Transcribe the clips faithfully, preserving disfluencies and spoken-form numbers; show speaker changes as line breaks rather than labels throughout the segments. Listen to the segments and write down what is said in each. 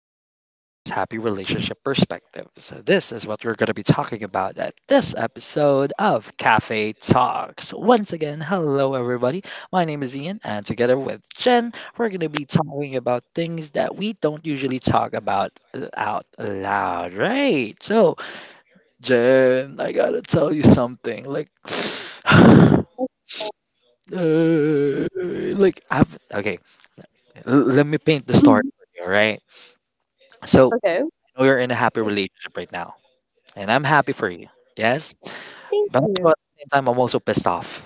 single versus happy relationship perspectives. This is what we're going to be talking about at this episode of Cafe Talks. Once again, hello everybody. My name is Ian, and together with Jen, we're going to be talking about things that we don't usually talk about l- out loud, right? So, Jen, I got to tell you something. Like, uh, like, I've, Okay, l- let me paint the story
Mhm.
for you, all right? So,
Okay.
know you're in a happy relationship right now, and I'm happy for you. Yes,
Thank
but also at
you.
the same time, I'm also pissed off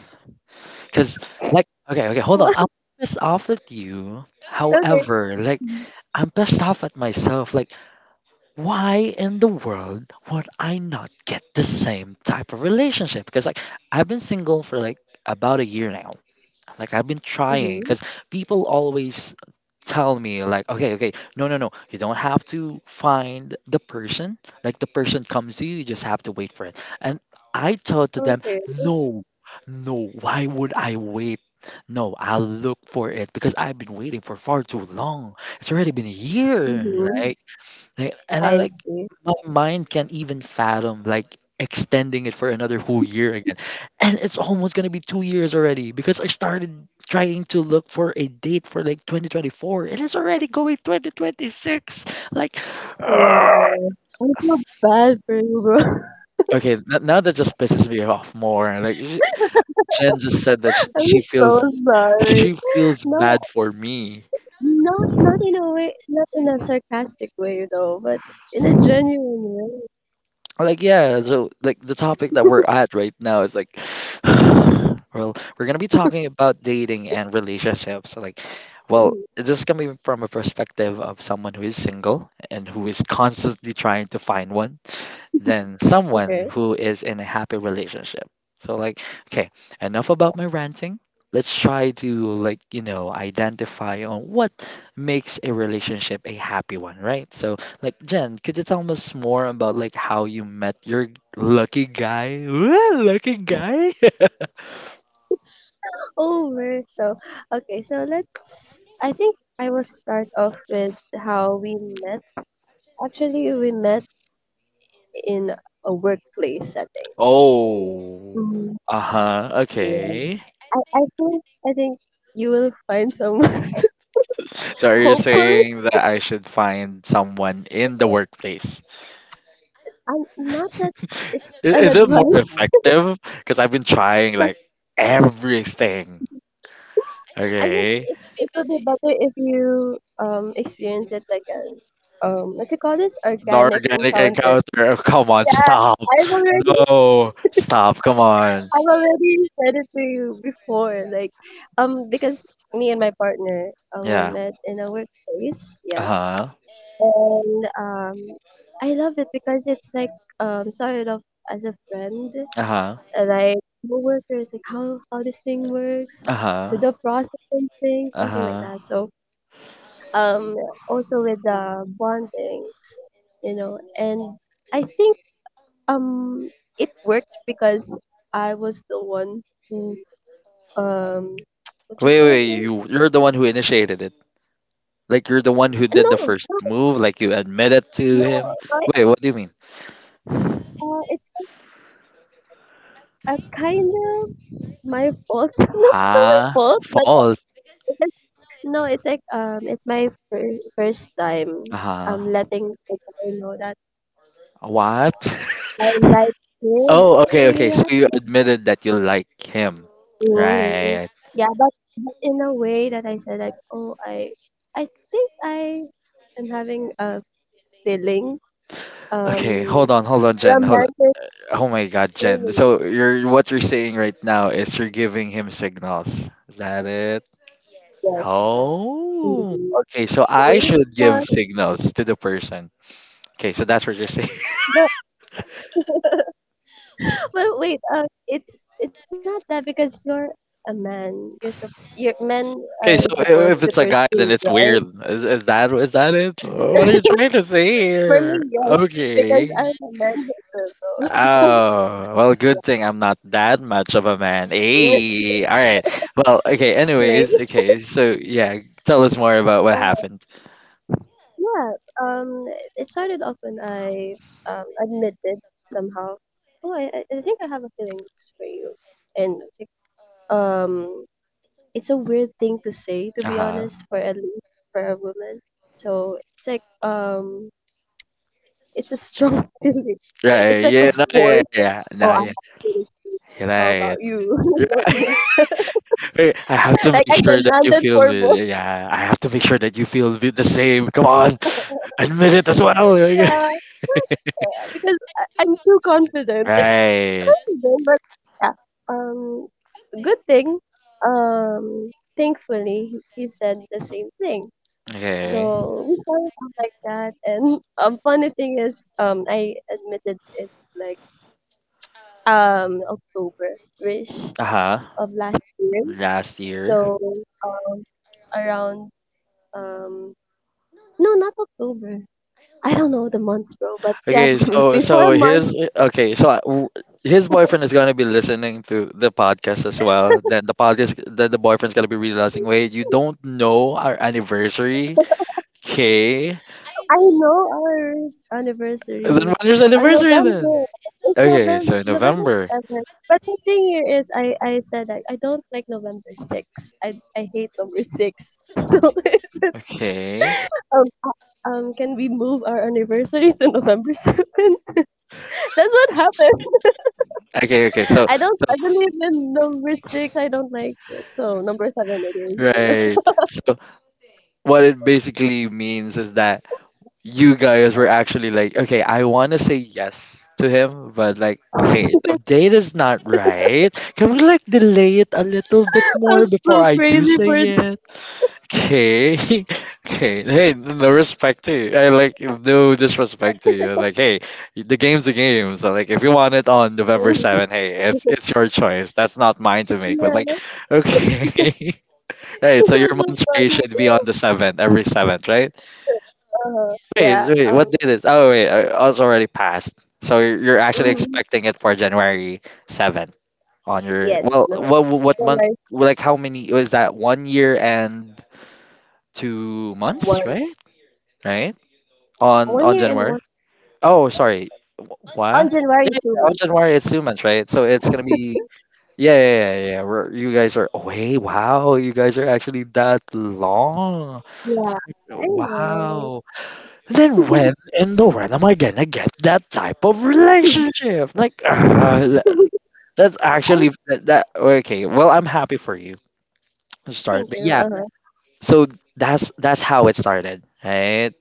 because, like, okay, okay, hold on.
What?
I'm pissed off at you.
Okay.
However, like, I'm pissed off at myself. Like, why in the world would I not get the same type of relationship? Because, like, I've been single for, like, about a year now. Like, I've been trying
Mm-hmm.
because people always tell me, like, okay okay, no no no, you don't have to find the person. Like, the person comes to you, you just have to wait for it. And I tell to them
Okay.
no, no, why would I wait? No, I'll look for it, because I've been waiting for far too long. It's already been a year,
Mm-hmm.
right? like, and I
I
like
see.
my mind can't even fathom, like, extending it for another whole year again. And it's almost gonna be two years already, because I started trying to look for a date for like twenty twenty-four. It is already going twenty twenty-six. Like,
Wow. I feel bad for you, bro.
Okay, n- now that just pisses me off more. Like, sh- Jen just said that sh-
I'm
she feels
so sorry.
she feels
No,
bad for me.
not not in a way, not in a sarcastic way though, but in a genuine way.
Like, yeah, so like the topic that we're at right now is like, well, we're gonna be talking about dating and relationships, so, like, well,
Mhm.
this is coming from a perspective of someone who is single and who is constantly trying to find one than someone
Okay.
who is in a happy relationship. So, like, okay, enough about my ranting. Let's try to, like, you know, identify on what makes a relationship a happy one, right? So, like, Jen, could you tell us more about like how you met your lucky guy? Ooh, lucky guy?
Oh, man. So, okay. So let's. I think I will start off with how we met. Actually, we met in a workplace setting.
Oh, uh-huh.
Yeah.
Okay.
I, I think I think you will find someone
So are you
hopefully.
saying that I should find someone in the workplace?
I'm not that it's
Is,
an
is it more
advice.
effective? Because I've been trying, like, everything.
I think
Okay.
it, it would be better if you um experience it like an um what you call this,
The
organic
organic
encounter.
encounter. Oh, come on,
Yeah,
stop.
I've already
No, stop. Come on.
I've already said it to you before. Like, um because me and my partner, um we
Yeah.
met in a workplace.
Uh
Yeah,
huh.
and um I love it because it's like, um started off as a friend,
Uh huh.
uh, like coworkers, like how how this thing works,
Uh
to
huh.
the processing thing,
Uh
something like
huh.
that. So um, also with the bondings, you know, and I think um it worked because I was the one who, um what you
Wait,
call
wait.
this?
You, you're the one who initiated it. Like, you're the one who
Uh,
did
No,
the
no,
first move. Like, you admitted to
no.
him.
I,
Wait, what do you mean?
uh, It's like a kind of my fault, not my
Huh?
fault, but
Fault.
no, it's like, um, it's my fir first
Uh
time, um,
huh.
letting the guy know that
What?
I like him.
Oh, okay, okay. So
Yeah.
you admitted that you like him,
Mhm.
right?
Yeah, but, but in a way that I said like, oh, I, I think I am having a feeling,
Okay, hold
um,
on, hold on, Jen, hold on.
romantic
Oh my God, Jen.
feeling.
So you're what you're saying right now is you're giving him signals. Is that it?
Yes.
Oh,
Mhm.
okay. So I
Wait
should
for
give signals to the person. Okay, so that's what you're saying.
the But wait, uh, it's it's not that because you're a man. You're so your men
Okay,
are
so i-
supposed
if
to
it's a guy,
pursue,
then it's
right?
weird. Is, is that is that it? What are you trying to say
For me,
here?
yes, because
Okay.
I'm a man hater, though.
Oh, well, good thing I'm not that much of a man. Hey, all right. Well, okay,
Honestly,
anyways, okay, so yeah, tell us more about what
uh,
happened.
yeah. Um, it started off when I um admitted somehow. Oh, I I I think I have a feelings for you, and like, um, it's a weird thing to say, to be
Uh-huh.
honest, for at least for a woman. So it's like, um it's a strong feeling. It's
Right,
like a
yeah, no, yeah,
force.
yeah,
Oh, I have
yeah, no,
to do this too. How about
yeah,
you?
right. Right, I have to
like
make
I
sure that you
demanded
feel
for
the,
more.
yeah, I have to make sure that you feel the the same. Come on, admit it as well.
Yeah, because I, I'm too confident.
Right,
Confident, but yeah. Um, good thing. Um, thankfully, he he said the same thing.
okay.
So we found out like that, and um, funny thing is, um, I admitted it like, um October, which
Uh-huh,
of last year.
last year.
So, um, around um no, not October. I don't know the months, bro, but yeah,
Okay, so so
before month.
his okay, so I- w- his boyfriend is gonna be listening to the podcast as well. Then the podcast, then the boyfriend's gonna be realizing, wait, you don't know our anniversary,
But
okay?
I know our
Then
anniversary.
when is
Uh,
anniversary then?
November. It's
Okay,
November
so
November
November.
7th. But the thing here is I I said I, I don't like November sixth. I I hate number six. So I said
Okay,
um uh, um can we move our anniversary to November seventh? That's what happened.
okay, okay. So
I don't.
so
I believe in number six. I don't like it. So number seven it is. You know,
Right. So what it basically means is that you guys were actually like, okay, I want to say yes to him, but, like, okay, the date is not right. Can we, like, delay it a little bit more
I'm
before
so
I do
crazy
say
for it.
it? Okay, okay. Hey, no respect to you. I, like, no disrespect to you. Like, hey, the game's the game. So, like, if you want it on November seven, hey, it's it's your choice. That's not mine to make. But,
yeah,
like,
it
okay, right.
was
So your
so
month's rate
funny.
should be on the seventh, every seventh, right?
Uh-huh.
Wait,
Yeah.
wait, what
Um.
did it? Oh, wait, uh, oh, it's already passed. So you're you're actually
mhm.
expecting it for January seventh on your,
Yes.
well,
No.
what, what month,
January
like how many, was that one year and two months,
one.
right? Right? On,
One
on
year and
January?
one.
Oh, sorry. Wh-
On
What?
January
Yeah,
two
yeah, on
months.
January it's two months, right? So it's gonna be, yeah, yeah, yeah, yeah. yeah. We're, you guys are, oh, wait, wow, you guys are actually that long.
Yeah. I know.
Wow. Then when in the world am I gonna get that type of relationship? Like, uh, that's
I
actually that, that. Okay, well, I'm happy for you to start,
think
but
you.
yeah.
Uh-huh.
So that's that's how it started, right?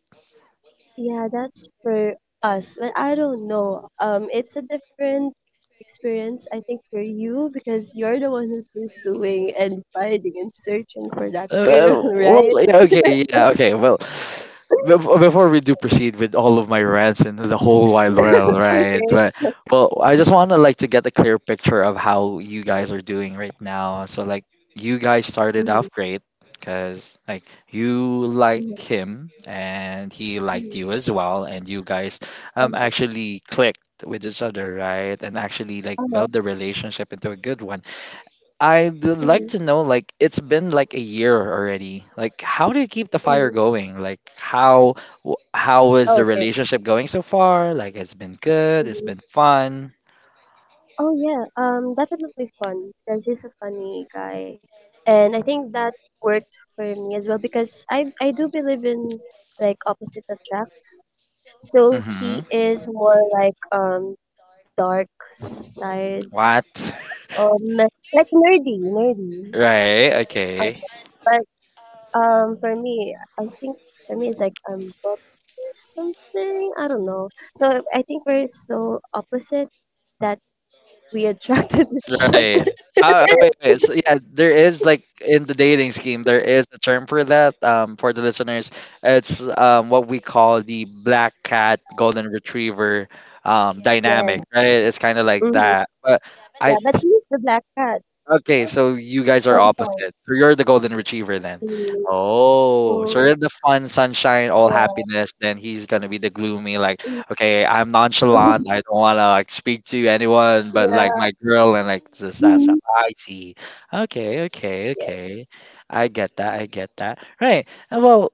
Yeah, that's for us. But I don't know. Um, it's a different experience, I think, for you because you're the one who's pursuing and finding and searching for that girl,
Uh, well,
right?
yeah, okay, yeah, okay. Well, bef- before we do proceed with all of my rants and the whole wide world, right?
Okay.
But well, I just want to, like, to get a clear picture of how you guys are doing right now. So like, you guys started
Mm-hmm.
off great because, like, you liked
Mm-hmm.
him and he liked
Mm-hmm.
you as well, and you guys um
Uh-huh.
actually clicked with each other, right? And actually, like,
Uh-huh.
build the relationship into a good one. I'd like
Mm-hmm.
to know, like, it's been like a year already. Like, how do you keep the fire
Mm-hmm.
going? Like, how wh- how is the
Oh, okay.
relationship going so far? Like, it's been good. It's been
Mm-hmm.
fun.
Oh yeah. Um, definitely fun because he's a funny guy, and I think that worked for me as well because I I do believe in like opposite attracts. So
Mm-hmm.
he is more like, um dark side,
What?
um like nerdy, nerdy.
Right.
Uh,
Okay.
but um for me, I think for me it's like, um book or something. I don't know. So I think we're so opposite that we attracted each other.
Right. Uh, wait, wait. So yeah, there is like in the dating scheme, there is a term for that. Um, for the listeners, it's um what we call the black cat golden retriever um dynamic.
Yes.
Right. It's kind of like
hmm
that, but I.
Yeah, but he's the black cat.
Okay, so you guys are
Sometimes,
opposite. So you're the golden retriever then.
Mm,
Oh, so
mm,
you're the fun, sunshine, all
yeah.
happiness. Then he's gonna be the gloomy, like, okay, I'm nonchalant. I don't wanna, like, speak to anyone, but,
yeah.
like, my girl and, like, just that's
Mhm.
how I see. Okay, okay,
Yes.
okay. I get that. I get that. Right. uh, Well,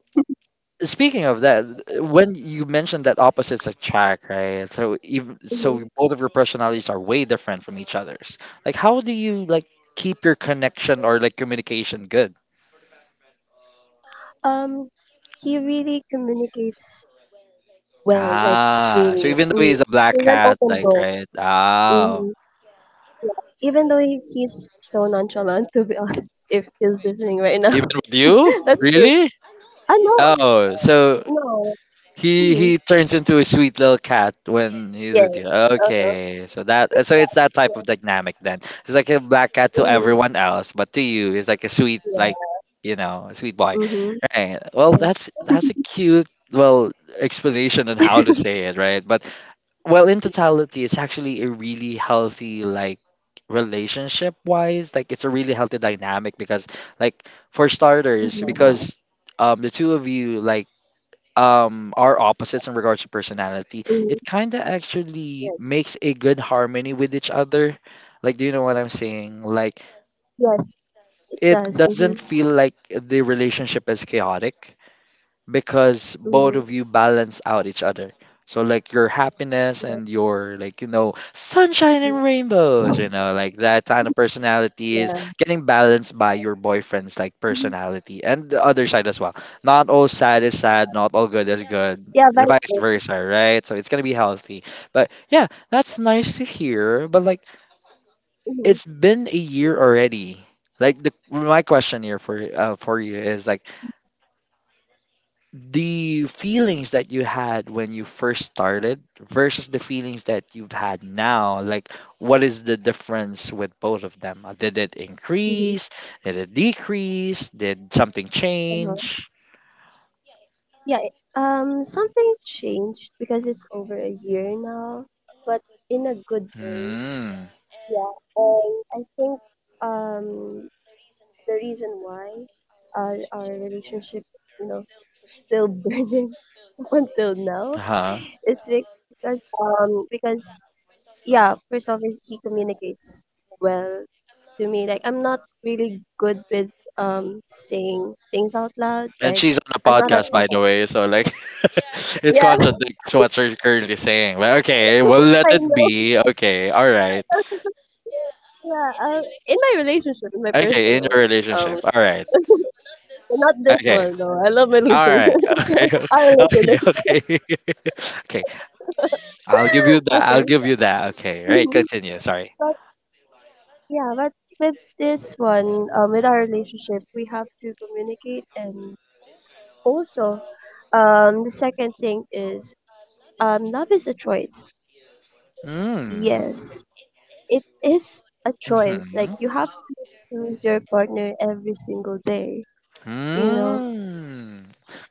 speaking of that, when you mentioned that opposites attract, right? So even so,
Mhm.
both of your personalities are way different from each other's. Like, how do you, like, keep your connection or, like, communication good?
Um, he really communicates well, like really.
Ah, so
Mm.
even though he's a
He's
black
an
cat,
open book.
like, right?
Hmm
Ah,
Yeah. Even though he, he's so nonchalant, to be honest, if he's listening right
even
now,
with you,
that's true.
really?
I know.
Oh, so
No.
He
Mm-hmm.
he turns into a sweet little cat when he's
Yeah.
with you.
Uh-huh.
Okay, so that so it's that
Yeah.
type of dynamic then. It's like a black cat to
Mm-hmm.
everyone else, but to you, it's like a sweet, like,
Yeah.
you know, a sweet boy.
Mm-hmm.
Right. Well,
Yeah.
that's that's a cute well explanation on how to say it, right? But well, in totality, it's actually a really healthy like relationship wise. Like, it's a really healthy dynamic because, like, for starters,
Mm-hmm.
because um the two of you, like, um are opposites in regards to personality,
Mm-hmm.
it kind of actually
Yes.
makes a good harmony with each other. Like, do you know what I'm saying? Like,
Yes, it
it
does.
doesn't
Mm-hmm.
feel like the relationship is chaotic because both
Mhm.
of you balance out each other. So, like, your happiness and your, like, you know, sunshine and rainbows, you know, like, that kind of personality is
Yeah.
getting balanced by your boyfriend's, like, personality and the other side as well. Not all sad is sad, not all good is good.
Yeah, vice
Vice
versa.
versa, right? So it's gonna be healthy. But yeah, that's nice to hear. But, like,
Mhm.
it's been a year already. Like, the my question here for uh, for you is like the feelings that you had when you first started versus the feelings that you've had now, like, what is the difference with both of them? Uh, did it
Mhm.
increase, did it decrease, did something
Uh-huh.
change?
Yeah, it- um, something changed because it's over a year now, but in a good way.
Hmm.
Yeah, and I think um the reason why, uh, our relationship, you know, still burning up until now,
Huh.
it's because um because yeah, first off is he communicates well to me. Like I'm not really good with, um saying things out loud.
And
Like
she's on a
I'm not at
podcast, by
open.
the way, so like, it
Yeah,
contradicts what you're currently saying, but okay, we'll let
I
it
know.
be, okay, all right.
Yeah, uh, in my relationship, in my
Okay, in
personal,
your relationship,
um,
all right.
not this
Okay.
one though. I love my
All
listeners,
right.
our
Okay. Okay.
listeners.
Okay. Okay. I'll give you that. I'll
Okay,
give you that. Okay. Right.
Mhm.
Continue. Sorry.
but yeah, but with this one, um, with our relationship, we have to communicate, and also, um the second thing is, um love is a choice.
Mm.
Yes, it is a choice. Like,
Mm-hmm.
you have to choose your partner every single day, you know?
Mm.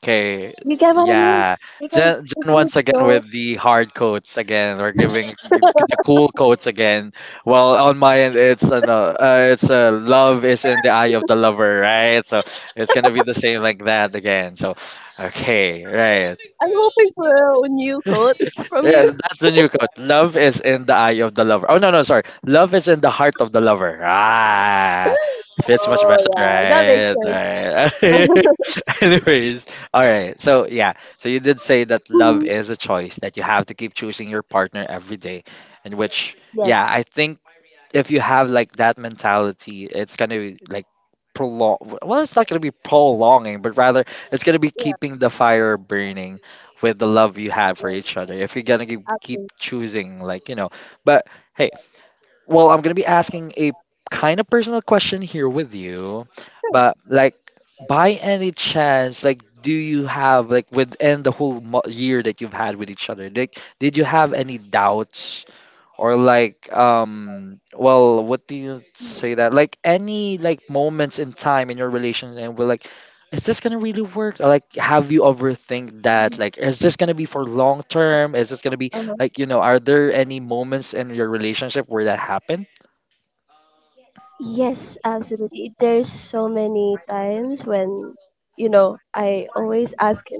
Okay.
You get what I mean,
Yeah.
because
Jen,
if
Jen
you
once again
don't.
with the hard coats again. We're giving g- the cool coats again. Well, on my end, it's an, uh, uh, it's a love is in the eye of the lover, right? So it's gonna be the same like that again. So, okay, right.
I'm hoping for a new quote from you.
Yeah, that's the new quote. Love is in the eye of the lover. Oh no, no, sorry. Love is in the heart of the lover. Ah, fits much
Oh
better,
yeah, that makes
right?
sense.
Right. Anyways, all right. So yeah, so you did say that love
Mhm.
is a choice that you have to keep choosing your partner every day, and which
Yes.
yeah, I think if you have like that mentality, it's gonna be like prolong. Well, it's not gonna be prolonging, but rather it's gonna be
Yeah.
keeping the fire burning with the love you have for
Yes,
each other. If you're gonna keep keep
absolutely.
choosing, like you know, but hey, well, I'm gonna be asking a kind of personal question here with you,
Sure.
but like by any chance, like, do you have like within the whole mo- year that you've had with each other? Like, did you have any doubts or like um well, what do you
Mhm.
say that like any like moments in time in your relation and we're like, is this gonna really work? Or like, have you overthink that like is this gonna be for long term, is this gonna be
Mhm.
like you know, are there any moments in your relationship where that happened?
Yes, absolutely. There's so many times when, you know, I always ask him,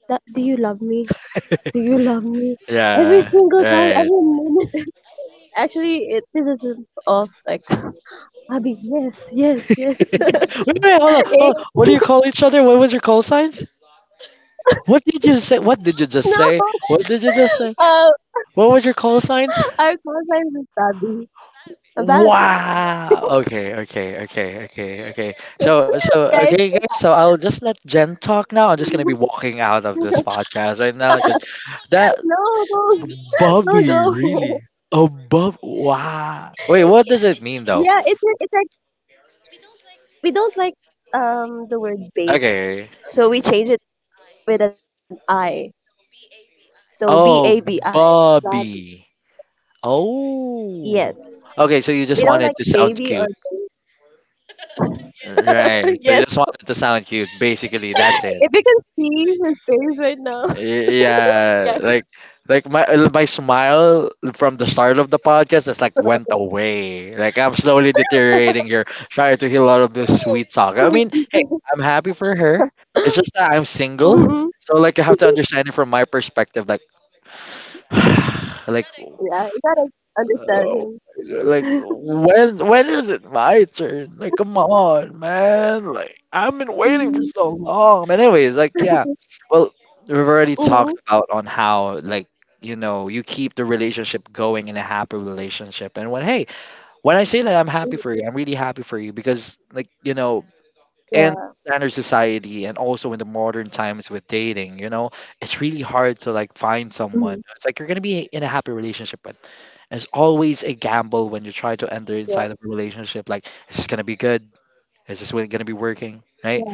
that, do you love me? Do you love me? Every
Yeah,
single time,
right.
every moment. Actually, it pisses him off. Like, Abby, yes, yes, yes.
wait wait hold on,
Eh,
hold on, what do you call each other? What was your call signs? What did you say? What did you just say
no.
what did you just say
Um,
What was your call signs?
our small sign is Babi. A Babi.
Wow. Okay, okay, okay, okay, okay. So,
Yeah,
so
it's,
okay, guys. So I'll just let Jen talk now. I'm just gonna be walking out of
no,
this podcast right now because that
no, no,
Bobby really.
go.
Oh, Bob! Wow. Wait, what does it mean though?
Yeah, it's it's like we don't like um the word babe,
Okay.
so we change it with an I. So B A B
Oh,
I. Babi.
Bobby.
Yes.
Oh. Okay, so
We
you
don't
just
like
wanted to
baby
sound
or
cute,
baby.
right? So
yes.
you just wanted to sound cute. Basically, that's it.
If you can see his face right now,
Y- Yeah,
guys,
like like my uh, my smile from the start of the podcast is like went away. Like I'm slowly deteriorating here, trying to heal out of this sweet talk. I mean,
like
hey, I'm happy for her. It's just that I'm single,
hmm
so like you have to understand it from my perspective. Like, like,
yeah, you gotta understand
uh,
him.
like when when is it my turn? Like, come on, man! Like I've been waiting for
Hmm
so long. But anyways, like yeah. Well, we've already
hmm
talked about on how like you know, you keep the relationship going in a happy relationship. And when hey, when I say that I'm happy for you, I'm really happy for you, because like you know,
Yeah.
in standard society and also in the modern times with dating you know, it's really hard to like find
hmm
someone, it's like you're gonna be in a happy relationship with. It's always a gamble
Yeah.
when you try to enter inside of a relationship, like is this gonna be good, is this really gonna be
Yeah.
working, right?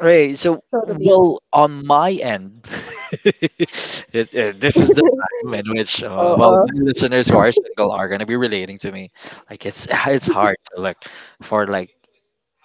Right.
Totally agree.
So, well, on my end, it, it- this is the time in
uh
which,
uh.
uh, well, my listeners who are single are gonna be relating to me. Like, it's it's hard to look for like,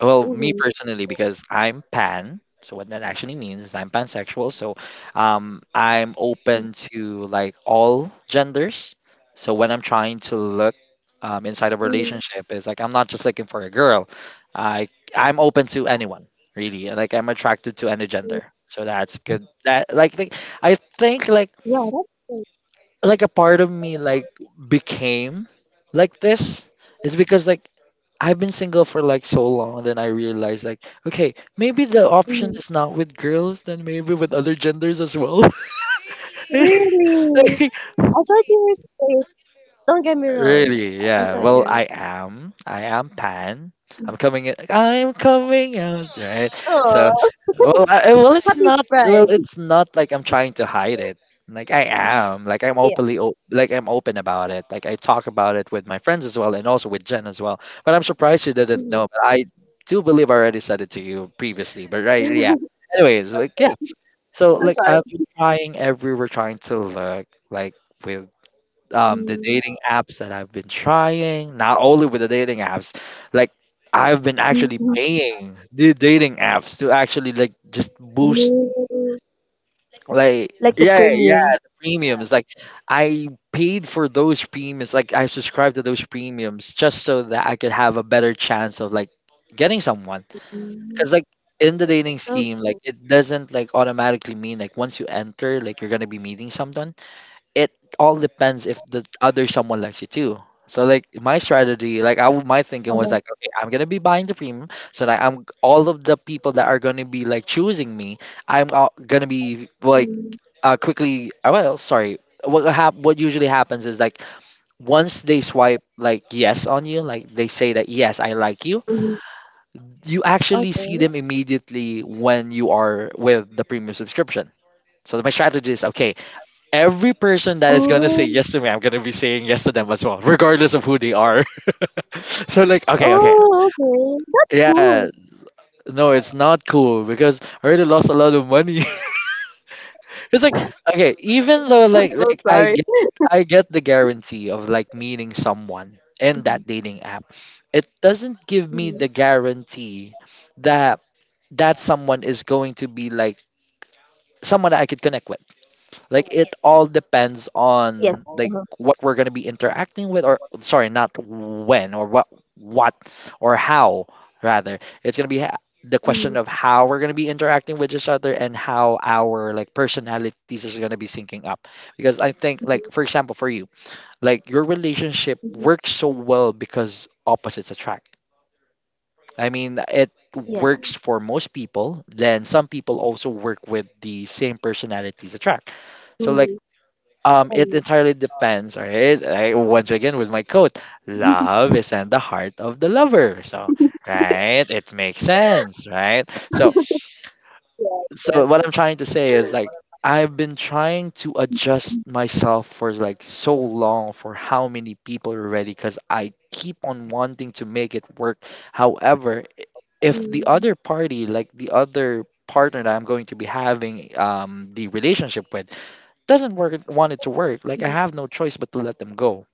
well, me personally, because I'm pan. So what that actually means is I'm pansexual. So um, I'm open to like all genders. So when I'm trying to look um, inside a
hmm
relationship, is like I'm not just looking for a girl. I I'm open to anyone really. Like I'm attracted to any gender. So that's good. That like, like I think like
Yeah, that's great.
like a part of me like became like this is because like I've been single for like so long, then I realized like, okay, maybe the option
Mhm.
is not with girls, then maybe with other genders as well.
Really?
Like,
I thought you were. Don't get me wrong.
really,
I, I
yeah.
thought
Well,
you're.
I am. I am pan. I'm coming in. I'm coming out, right? So,
Oh,
well, I, well, it's
happy
not.
Pride.
Well, it's not like I'm trying to hide it. Like I
Mm.
am. Like I'm
Yeah.
openly. o- Like I'm open about it. Like I talk about it with my friends as well, and also with Jen as well. But I'm surprised you didn't
Mhm.
know. But I do believe I already said it to you previously. But right, yeah. Anyways, like yeah.
I'm
So
sorry.
like I've been trying everywhere, trying to look like. With um, the
Mm.
dating apps that I've been trying, not only with the dating apps, like I've been
Mhm.
actually paying the dating apps to actually like just boost,
Oh,
like
like the
yeah, yeah,
premium.
the premiums. Like I paid for those premiums, like I subscribed to those premiums just so that I could have a better chance of like getting someone.
Mm.
Cause like in the dating
Okay.
scheme, like it doesn't like automatically mean like once you enter, like you're gonna be meeting someone, it all depends if the other someone likes you too. So like my strategy, like I w- my thinking
Uh-huh.
was like, okay, I'm gonna be buying the premium so that I'm all of the people that are gonna be like choosing me, I'm all gonna be like
Mm.
uh quickly. uh, Well, sorry. What hap- What usually happens is like once they swipe like yes on you, like they say that yes, I like you.
Mhm.
You actually see
Okay.
them immediately when you are with the premium subscription. So my strategy is okay, every person that is gonna
Oh.
say yes to me, I'm gonna be saying yes to them as well, regardless of who they are. so like, okay, okay,
Oh. Okay. That's cool.
yeah, no, it's not cool because I already lost a lot of money. it's like, okay,
I'm
even
so
though like
sorry.
like I get I get the guarantee of like meeting someone
Mhm.
in that dating app, it doesn't give
Mhm.
me the guarantee that that someone is going to be like someone that I could connect with. Like it all
Yes.
depends
Uh-huh.
on like what we're gonna be interacting with, or sorry, not when or what, what or how rather. It's gonna be ha-
Mhm.
the question of how we're gonna be interacting with each other and how our like personalities is gonna be syncing up. Because I think
Mhm.
like for example for you, like your relationship
Mhm.
works so well because opposites attract. I mean, it
Yeah.
works for most people. Then some people also work with the same personalities attract.
Mhm.
So like
Oh, yeah.
um, it entirely depends, all right? I, once again, with my quote, love is in the heart of the lover. So, right? It makes sense, right? So,
yes. Yes.
so what I'm trying to say is like, I've been trying to adjust myself for like so long for how many people already because I keep on wanting to make it work. However, i- if
Mm,
the other party, like the other partner that I'm going to be having um, the relationship with, doesn't work want it to work, like
Mhm.
I have no choice but to let them go.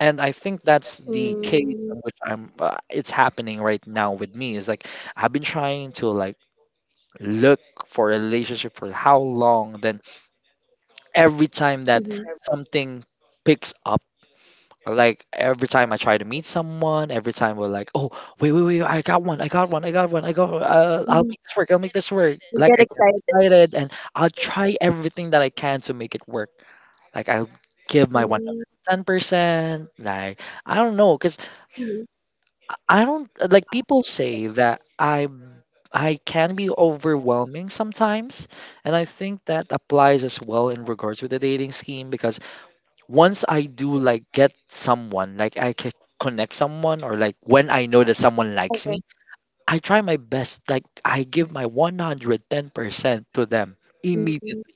And I think that's the case
Mm,
in which I'm uh, it's happening right now with me, is like I've been trying to like look for a relationship for how long, then every time
mhm,
that something picks up, like every time I try to meet someone, every time we're like oh, wait wait wait I got one, i got one i got one I got uh,
mhm.
I'll make this work, i'll make this work
You get
like I get
excited.
excited and I'll try everything that I can to make it work. Like I'll give my
Mm,
one hundred ten percent. Like I don't know cuz
mhm.
I I don't, like people say that I I can be overwhelming sometimes, and I think that applies as well in regards with the dating scheme because once I do like get someone, like I can connect someone or like when I know that someone likes
Okay.
me, I try my best, like I give my one hundred ten percent to them
Hmm.
immediately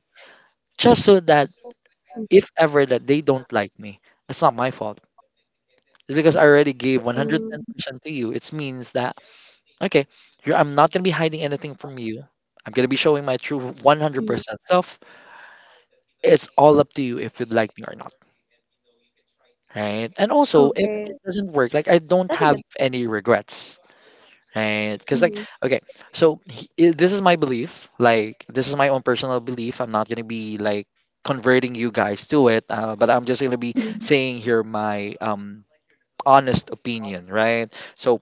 just so that
mm,
if ever that they don't like me, it's not my fault. It's because I already gave
mm,
one hundred ten percent to you. It means that, okay, you're, I'm not going to be hiding anything from you. I'm going to be showing my true
mm.
one hundred percent self. It's all up to you if you'd like me or not, right? And also, if
Okay.
it doesn't work, like I don't
That's a
have
good.
any regrets, right? Because, like,
Mhm,
okay, so he, i- this is my belief. Like, this is my own personal belief. I'm not going to be like converting you guys to it, uh, but I'm just going to be
mhm.
saying here my um, honest opinion, right? So,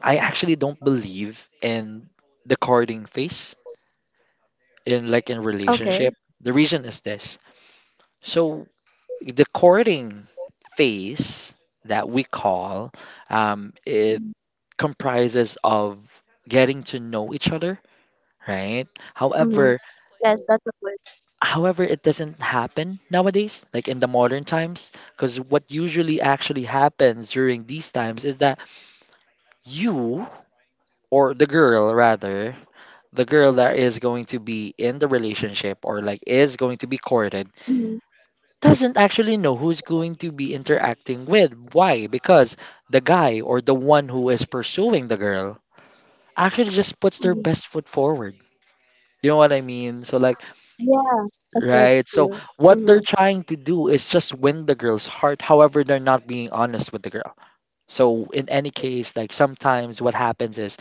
I actually don't believe in the courting phase in like in
Okay.
relationship. The reason is this. So the courting phase that we call um, it
Mhm.
comprises of getting to know each other, right?
Mhm.
However,
Yes, that's a good.
however it doesn't happen nowadays like in the modern times, because what usually actually happens during these times is that you or the girl rather, the girl that is going to be in the relationship or like is going to be courted,
Mhm,
doesn't actually know who's going to be interacting with. Why? Because the guy or the one who is pursuing the girl actually just puts their
mhm.
best foot forward. You know what I mean? So like,
Yeah, I get
right. So
you.
what
Mm-hmm.
they're trying to do is just win the girl's heart. However, they're not being honest with the girl. So in any case, like sometimes what happens is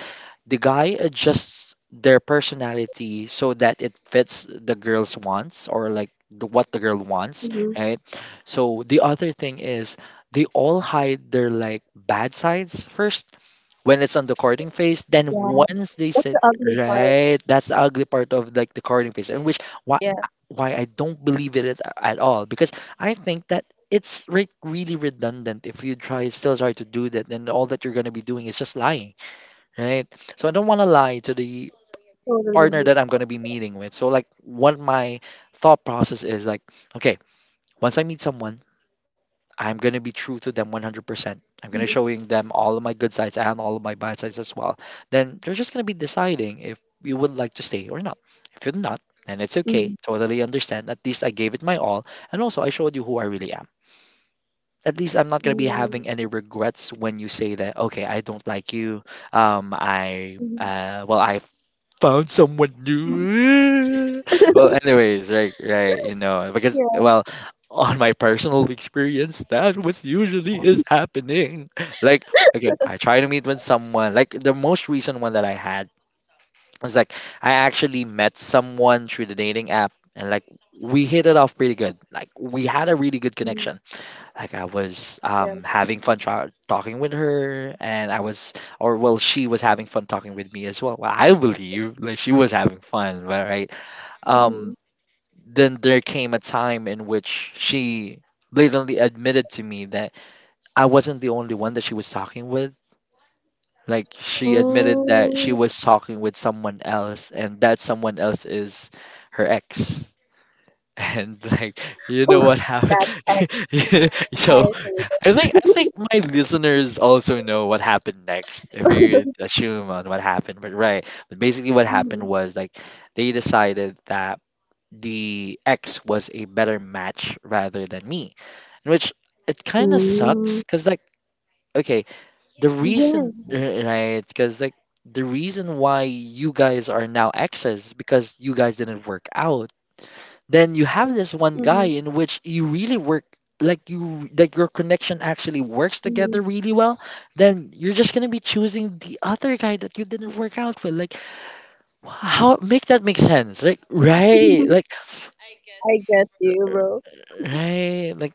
the guy adjusts their personality so that it fits the girl's wants or like the, what the girl wants,
Mm-hmm.
right? So the other thing is they all hide their like bad sides first when it's on the courting phase. Then
Yeah,
once they
that's
said
the ugly part.
right, that's the ugly part of like the courting phase, in which why
Yeah.
why I don't believe it at, at all because I think that it's re- really redundant if you try still try to do that, then all that you're going to be doing is just lying, right. So I don't want to lie to the
Totally
partner
agree.
that I'm going to be meeting with. So like, what my thought process is like, okay, once I meet someone, I'm going to be true to them one hundred percent. I'm going to
Mhm,
showing them all of my good sides and all of my bad sides as well. Then they're just going to be deciding if you would like to stay or not. If you're not, then it's okay.
mhm,
Totally understand. At least I gave it my all, and also I showed you who I really am. At least I'm not gonna be
mm,
having any regrets when you say that, okay, I don't like you. Um, I
mhm.
uh, well, I found someone new. Well, anyways, right, right, you know, because,
Yeah.
well, on my personal experience, that was usually is happening. Like, okay, I try to meet with someone. Like the most recent one that I had was like, I actually met someone through the dating app, and like we hit it off pretty good. Like we had a really good
mhm,
connection. Like I was
Yeah.
um having fun tra- talking with her, and I was or well she was having fun talking with me as well. Well, I believe like she was having fun, but, right?
Mm-hmm.
Um then there came a time in which she blatantly admitted to me that I wasn't the only one that she was talking with. Like she admitted that she
Oh,
was talking with someone else, and that someone else is her ex. And like, you know what happened?
that's. I
So
hate
i think i think my listeners also know what happened next if
it.
you assume on what happened, but right. But basically what happened
Mhm.
was like they decided that the ex was a better match rather than me, in which it kind of
Mm.
sucks because like, okay, the reason uh,
Yes.
right, because like, the reason why you guys are now exes because you guys didn't work out. Then you have this one guy
Mhm,
in which you really work. Like you like your connection actually works
mhm.
together really well. Then you're just gonna be choosing the other guy that you didn't work out with? Like, how make that make sense? Like right, like
I get you, bro.
right, like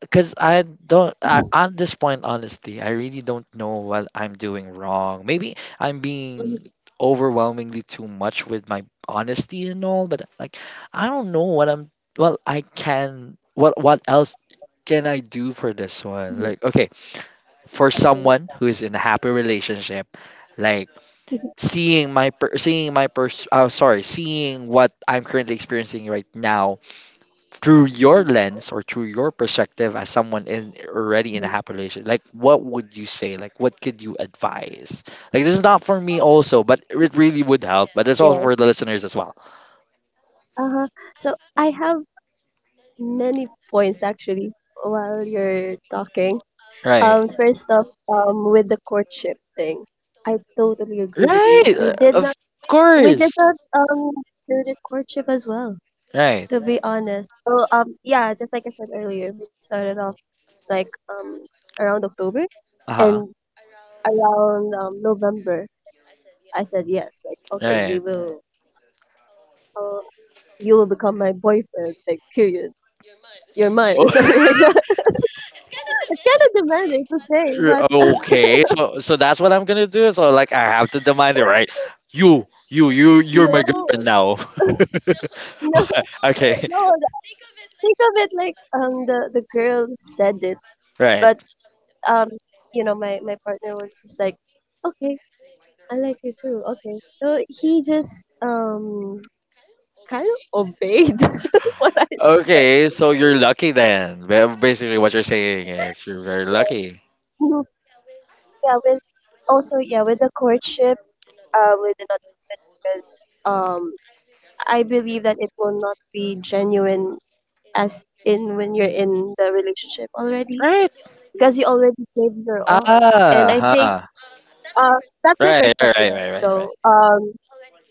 because I don't I, at this point, honestly, I really don't know what I'm doing wrong. Maybe I'm
Mhm,
being overwhelmingly too much with my honesty and all, but like I don't know what I'm. Well, I can. What what else can I do for this one?
mhm.
Like, okay, for
Mhm.
someone who is in a happy relationship, like seeing my per- seeing my pers- oh sorry, seeing what I'm currently experiencing right now through your lens or through your perspective as someone in already in a
Mhm.
happy relationship, like what would you say? Like what could you advise? Like this is not for me also, but it really would help, but it's also
Yes.
for the listeners as well.
Uh-huh. So I have many points actually while you're talking.
Right.
Um, first off, um, with the courtship thing, I totally agree with you.
Right.
We
Uh,
did
of
not, we did
course.
not, um do the courtship as well,
Right.
to be honest. So um yeah, just like I said earlier, we started off like, um around October,
Uh-huh.
and around, um November I said yes, like okay,
Right.
we will, uh, you will become my boyfriend, like period. You're mine,
Oh.
something like that. It's kind of demanding to
To
say,
play,
but
but yeah.
uh,
Okay, so so that's what I'm gonna do. So like I have to demand it, right? You, you, you, you're my
no,
girlfriend now.
no,
Okay,
no. Think of it like, um the the girl said it,
right.
but um you know, my my partner was just like, okay, I like you too. Okay. So he just, um kind of obeyed what I said.
Okay, so you're lucky then. Ba- Basically, what you're saying is you're very lucky,
Mhm. Yeah, with also yeah, with the courtship, uh, with the not, because um I believe that it will not be genuine as in when you're in the relationship already,
right?
because you already gave your all, and
Ah,
I think
huh.
uh that's my
Right, right,
perspective
right, right, right,
though.
right.
Um,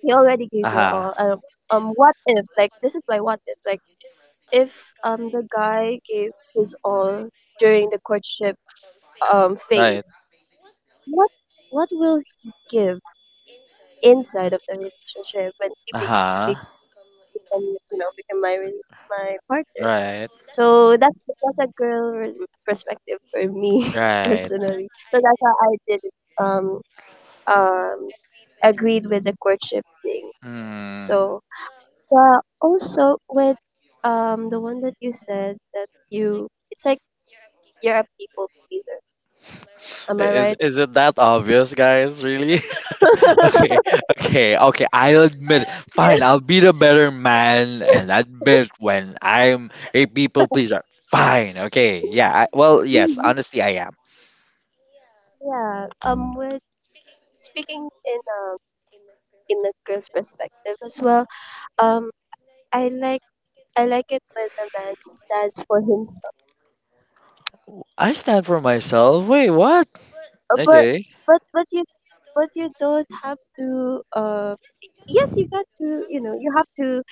you already
Uh
gave your
huh.
all. Uh, um, what if, like, this is my what if, like, if um the guy gave his all during the courtship, um
Right.
phase, what what will he give inside of the relationship when he
Uh
be,
huh.
be, become, you know, become my re- my partner?
Right.
So that's that's a girl re- perspective for me,
Right.
personally. So that's how I did it. Um um agreed with the courtship thing.
Hmm.
So yeah, also with um the one that you said, that you it's like, you're a people pleaser. Am I
I- Is
right?
is it that obvious, guys? Really? Okay, okay, okay. I'll admit,
Yeah.
fine, I'll be the better man and admit when I'm a people pleaser. Fine, okay, yeah. I, well, yes,
Mhm.
honestly, I am.
Yeah. Um, with speaking in, um in a girl's perspective as well. Um, I like, I like it when a man stands for himself.
I stand for myself. Wait, what?
Uh, But
Okay,
but but you but you don't have to, uh yes you got to, you know, you have to,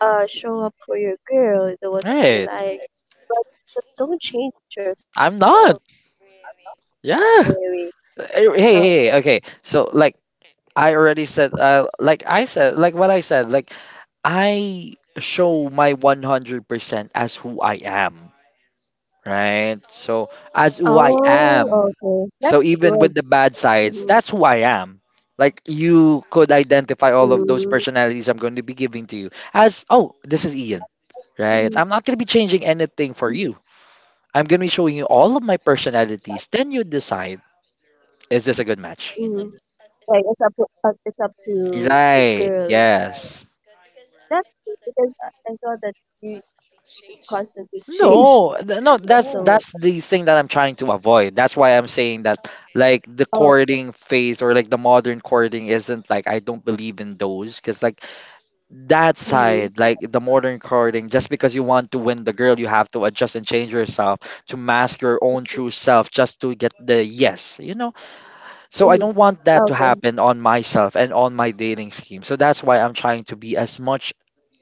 uh show up for your girl, the one that you
right.
like, but, but don't change yourself,
I'm not. Yeah.
Mary.
Eh,
Oh.
hey, hey, hey, okay. So, like, I already said, uh, like I said, like what I said, like, I show my one hundred percent as who I am. Right? So as who I
oh okay
am.
that's
So even with the bad
good.
sides, that's who I am. Like you could
Mm,
identify all of those personalities I'm going to be giving to you as, oh, this is Ian,
mm,
right? I'm not going to be changing
mm,
anything for you. I'm going to be showing you all of my personalities. Then you decide, is this a good
mm.
match?
Like it's up uh, it's up to the girl.
Right. Yes.
That's because I I saw that you, you constantly change.
No, th- no,
So,
that's that's the thing that I'm trying to avoid. That's why I'm saying that like
oh,
the courting phase or like the modern courting isn't like I don't believe in those because like that
mm,
side, like the modern courting, just because you want to win the girl you have to adjust and change yourself to mask your own true self just to get the yes, you know. So I
mm,
don't want that to
okay,
happen on myself and on my dating scheme, so that's why I'm trying to be as much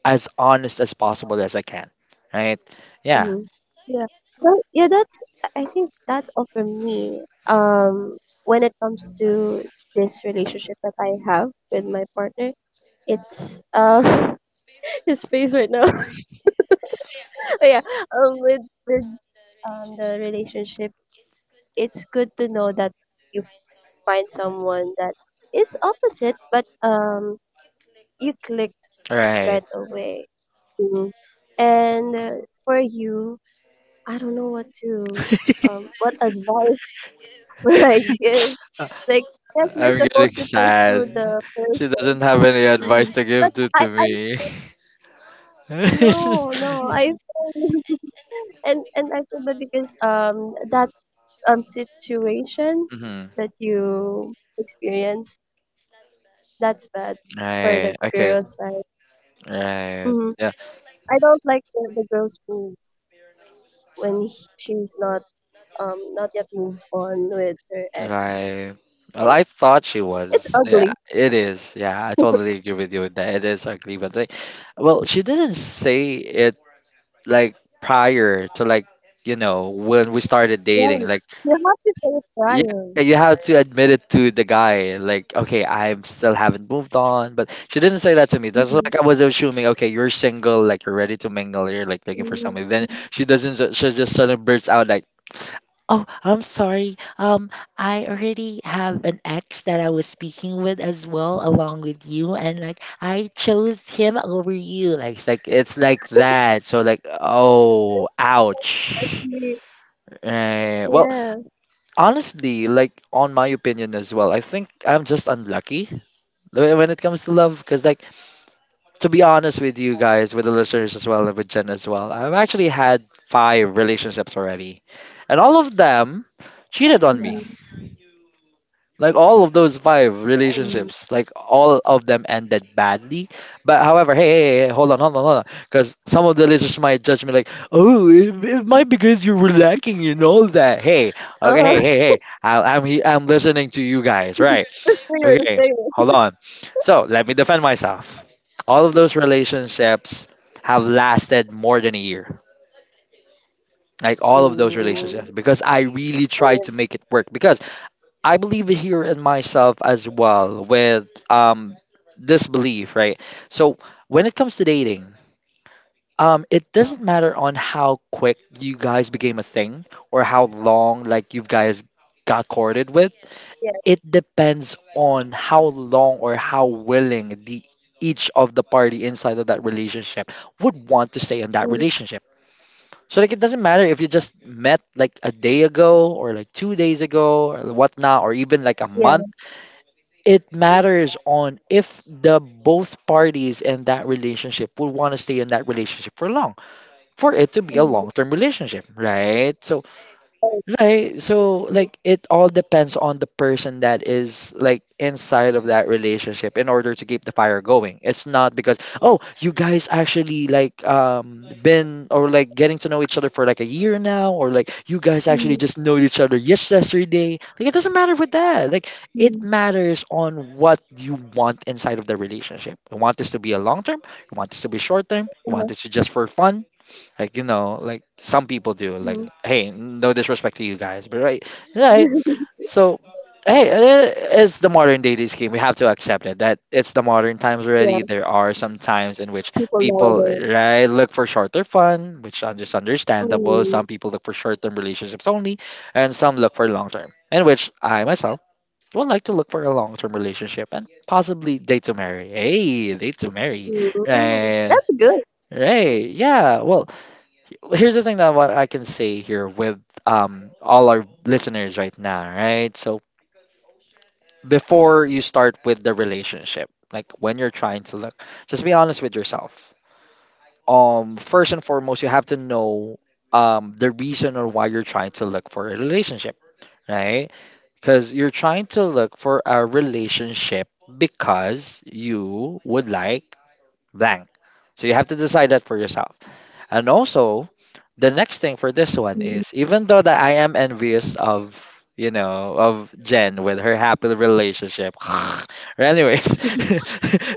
as honest as possible as I can, right. Yeah.
mm, yeah. So yeah, that's I I think that's all for me. Um, when it comes to this relationship that I have with my partner, it's uh his face right now. Oh yeah, um, with with um the relationship, it's good to know that you f- find someone that it's opposite, but um, you clicked
Right.
right away. Mhm. And uh, for you, I don't know what to,
I-
um, what advice would I give? Like, yes, you're
I'm
supposed to
getting
pursue the
sad.
person.
She doesn't have any
Mm.
advice
but
to give
I,
to,
I,
to me.
no, no, I feel- and and I feel bad because um that um situation
Hmm.
that you experience. That's bad for the
Right. Okay.
girl's side.
Right.
Hmm.
Yeah.
I don't like the, the girl's moves when he- she's not um not yet moved on with her ex
Right. Well,
thing.
I thought she
It's
was. Yeah,
ugly.
it is. Yeah, I totally agree with you with that. It is ugly, but like, well, she didn't say it like prior to like, you know, when we started
Yeah,
dating. Like,
you have to say it
yeah,
prior.
you have to admit it to the guy. Like, okay, I still haven't moved on, but she didn't say that to me. That's like
Mm-hmm.
I was assuming, okay, you're single, like you're ready to mingle, you're like looking for somebody.
Mm.
Then she doesn't. ju- She just suddenly bursts out like, oh, I'm sorry. Um, I already have an ex that I was speaking with as well, along with you, and like I chose him over you. Like it's like it's like that. So like, oh, ouch.
Especially-.
Eh, well,
Yeah.
honestly, like on my opinion as well, I think I'm just unlucky whe- when it comes to love. Because like, to be honest with you guys, with the listeners as well, and with Jen as well, I've actually had five relationships already, and all of them cheated on me. Like all of those five
Mm-hmm.
relationships, like all of them ended badly. But however, hey, hey, hey, hold on, hold on, hold on, because some of the listeners might judge me like, oh, it, it might because you were lacking in all that. Hey, okay,
Uh,
hey, hey, hey, I, I'm he- I'm listening to you guys, right?
we were the
Okay,
same.
hold on. So let me defend myself. All of those relationships have lasted more than a year. Like all of those relationships,
Mm.
because I really tried to make it work. Because I believe here in myself as well with um this belief, right? So when it comes to dating, um it doesn't matter on how quick you guys became a thing or how long like you guys got courted with.
Yeah.
It depends on how long or how willing the each of the party inside of that relationship would want to stay in that
Mhm.
relationship. So like it doesn't matter if you just met like a day ago or like two days ago or whatnot or even like a
Yeah.
month. It matters on if the both parties in that relationship would want to stay in that relationship for long, for it to be a long
Mhm.
term relationship, right? So
Oh,
right. So like it all depends on the person that is like inside of that relationship in order to keep the fire going. It's not because, oh, you guys actually like um been or like getting to know each other for like a year now or like you guys actually
mm,
just know each other yesterday. Like it doesn't matter with that. Like it
mm,
matters on what you want inside of the relationship. You want this to be a long term, you want this to be short term, you want
uh,
this to just for fun, like, you know, like some people do. Like,
mm.
hey, no disrespect to you guys, but right, right. So, hey, eh, it's the modern day dating scheme. We have to accept it. That it's the modern times already.
Yeah.
There are some times in which
People
people
nowadays.
right look for shorter fun, which is just understandable. Some
Mm.
people look for short-term relationships only, and some look for long-term, in which I myself would like to look for a long-term relationship and possibly date to marry. Hey, date to marry,
Mm,
right?
that's good.
Right, yeah. Well, here's the thing that what I can say here with um all our listeners right now, right? So before you start with the relationship, like when you're trying to look, just be honest with yourself. Um, first and foremost, you have to know um the reason or why you're trying to look for a relationship, right? Because you're trying to look for a relationship because you would like blank. So you have to decide that for yourself. And also,
Mm.
the next thing for this one is even though that I am envious of, you know, of Jen with her happy relationship. Anyways,
Wh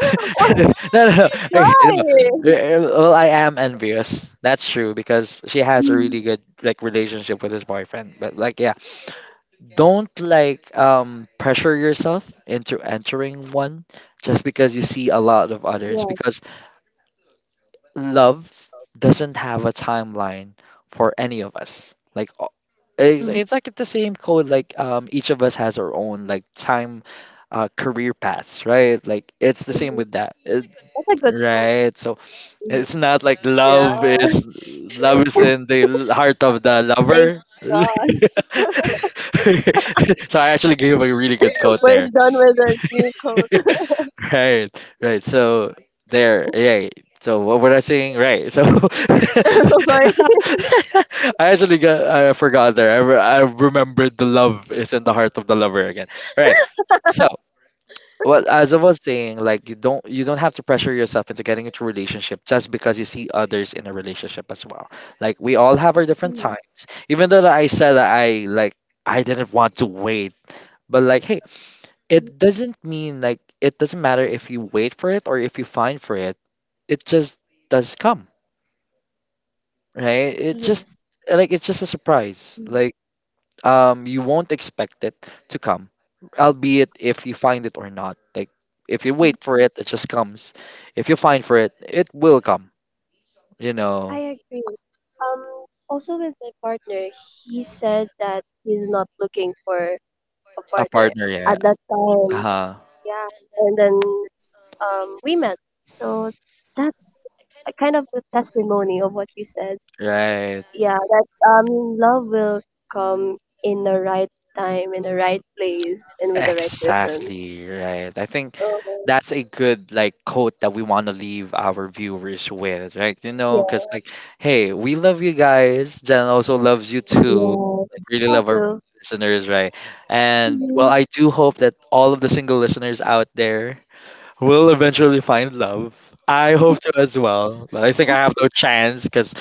no, no, no.
Why?
Okay, no. Eh, well, I am envious. That's true because she has a
Mm,
really good like relationship with his boyfriend. But like, yeah, don't like um pressure yourself into entering one just because you see a lot of others,
yes.
because love doesn't have a timeline for any of us. Like o- it's,
Mm,
it's like the same code. Like um, each of us has our own like time, uh, career paths, right? Like it's the same
mhm.
with that. It-
That's a good food.
right? So
Mm.
it's not like
Yeah.
love is love is in the heart of the
Thank
lover.
God.
So I actually gave a really good quote
We're
there.
done with the new code.
Right, right, so there, yeah. So what were I saying right? So
I'm so sorry.
I actually got I forgot there. I, re- I remembered the love is in the heart of the lover again, right? So well, as I was saying, like you don't you don't have to pressure yourself into getting into a relationship just because you see others in a relationship as well. Like we all have our different
Mm,
times, even though that I said that I like, I didn't want to wait. But like, hey,
mm,
it doesn't mean, like it doesn't matter if you wait for it or if you find for it, it just does come. Right, it just,
yes,
like it's just a surprise.
mm,
Like um you won't expect it to come albeit if you find it or not. Like if you
mm.
wait for it, it just comes. If you find for it, it will come, you
I
know.
agree. Um, also with my partner, he said that he's not looking for a
A
partner
partner, yeah.
at that time.
Uh-huh.
Yeah, and then um, we met. So that's a kind of a testimony of what you said.
Right.
Yeah, that um, love will come in the right time, in the right place, and with the right person.
Exactly, right. I think
Oh,
that's a good like quote that we want to leave our viewers with, right? You know,
yeah,
because like, hey, we love you guys. Jen also loves you too. Like,
yes.
really
How
love our
do?
listeners, right? And well,
Mm-hmm.
I do hope that all of the single listeners out there will eventually find love. I hope to as well, but I think I have no chance because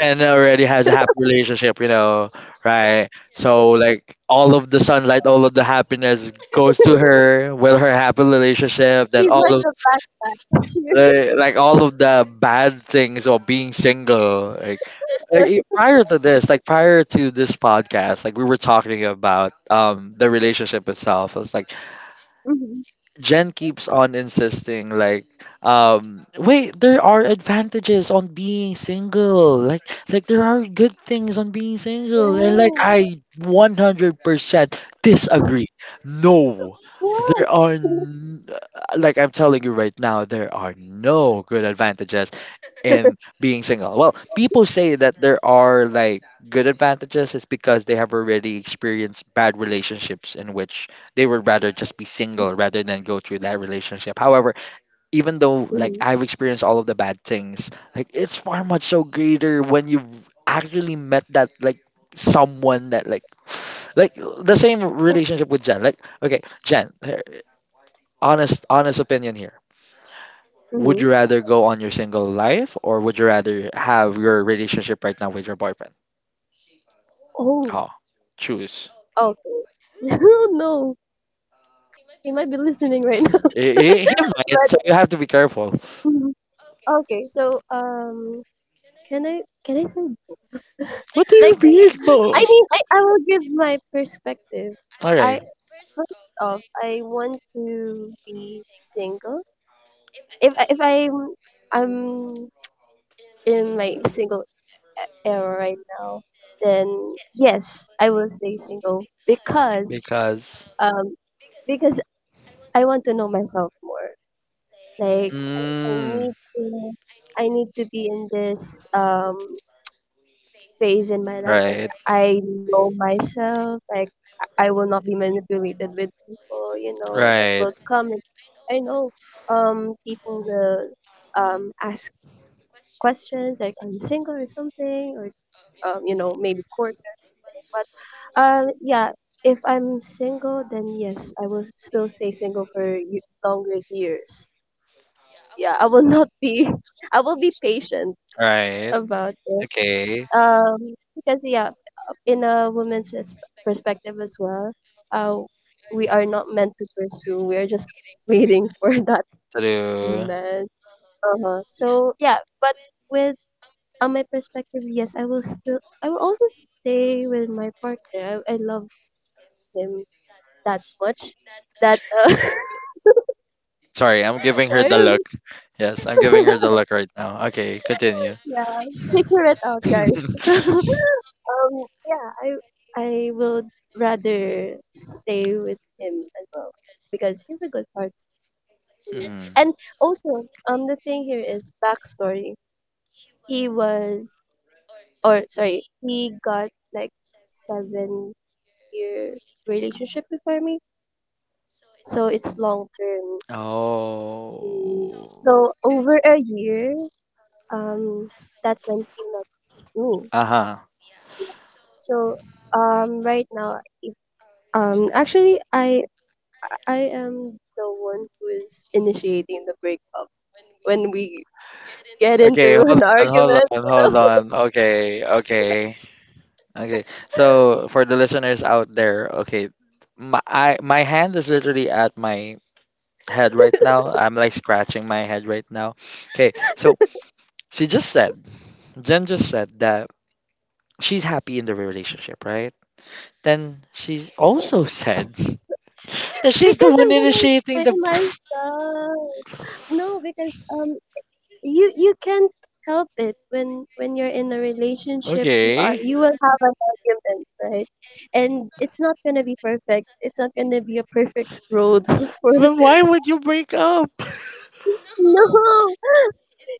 and already has a happy relationship, you know, right? So like all of the sunlight, all of the happiness goes to her with her happy relationship. Then
He's
all
like
of,
a backpack.
eh, like all of the bad things of being single, like, like eh, prior to this, like prior to this podcast, like we were talking about um the relationship itself. It's like
Mm-hmm.
Jen keeps on insisting like um wait, there are advantages on being single, like like there are good things on being single, and like
Yeah.
I one hundred percent disagree. No,
Yeah.
there are n- uh, like I'm telling you right now, there are no good advantages in being single. Well, people say that there are like good advantages is because they have already experienced bad relationships in which they would rather just be single rather than go through that relationship. However, even though like
Mm-hmm.
I've experienced all of the bad things, like it's far much so greater when you've actually met that, like someone that like like the same relationship with Jen. Like okay, Jen, her- honest, honest opinion here. Would
Mm-hmm.
you rather go on your single life or would you rather have your relationship right now with your boyfriend?
Oh,
Oh, choose.
okay. Oh no, he might be listening right now.
Eh,
But
eh, he might, so you have to be careful.
mm-hmm. Okay, so um, can I can I say
What do you
like,
mean,
I
Mo?
mean, I I will give my perspective.
Okay.
I First off, I want to be single. If I- if I'm I'm in my single e- era right now, then yes, I will stay single because
Because
um because I want to know myself more. Like, I, I
mm,
need to I need to be in this um phase in my life. Like,
right,
I know myself. Like, I will not be manipulated with people. You know that
right,
will come. And I know um people will um ask questions like, are you single or something, or um you know maybe court. But um yeah, if I'm single, then yes, I will still stay single for y- longer years. Yeah, I will not be. I will be patient
right.
about it.
Okay.
Um, because yeah, uh, in a woman's res- perspective as well, uh, we are not meant to pursue. We are just waiting for that
To do,
man. Uh-huh. So yeah, but with on my perspective, yes, I will still, I will also stay with my partner. I, I love him that much that uh,
sorry, I'm giving her
why are
the
you-
look. Yes, I'm giving her the look right now. Okay, continue.
yeah, figure it out, guys. So, Um, yeah, I I would rather stay with him as well because he's a good partner to me.
Mm.
And also, um, the thing here is backstory. He was, or sorry, He got like seven year relationship before me, so it's long term. Mm.
Oh.
So over a year, um, that's when he met me.
Uh-huh.
So um, right now, um, actually, I I am the one who is initiating the breakup when we get
Okay,
into
hold
an
on, hold
argument,
on,
you
hold
know?
on. Okay, okay, okay. So for the listeners out there, okay, my I, my hand is literally at my head right now. I'm like scratching my head right now. Okay, so she just said, Jen just said that she's happy in the relationship, right? Then she's also said that she's the
Because
one
I'm gonna
initiating the,
explain myself. No, because um you you can't help it when when you're in a relationship, you are
okay.
you will have an argument, right? And it's not gonna be perfect. It's not gonna be a perfect road for
But why would you break up?
No,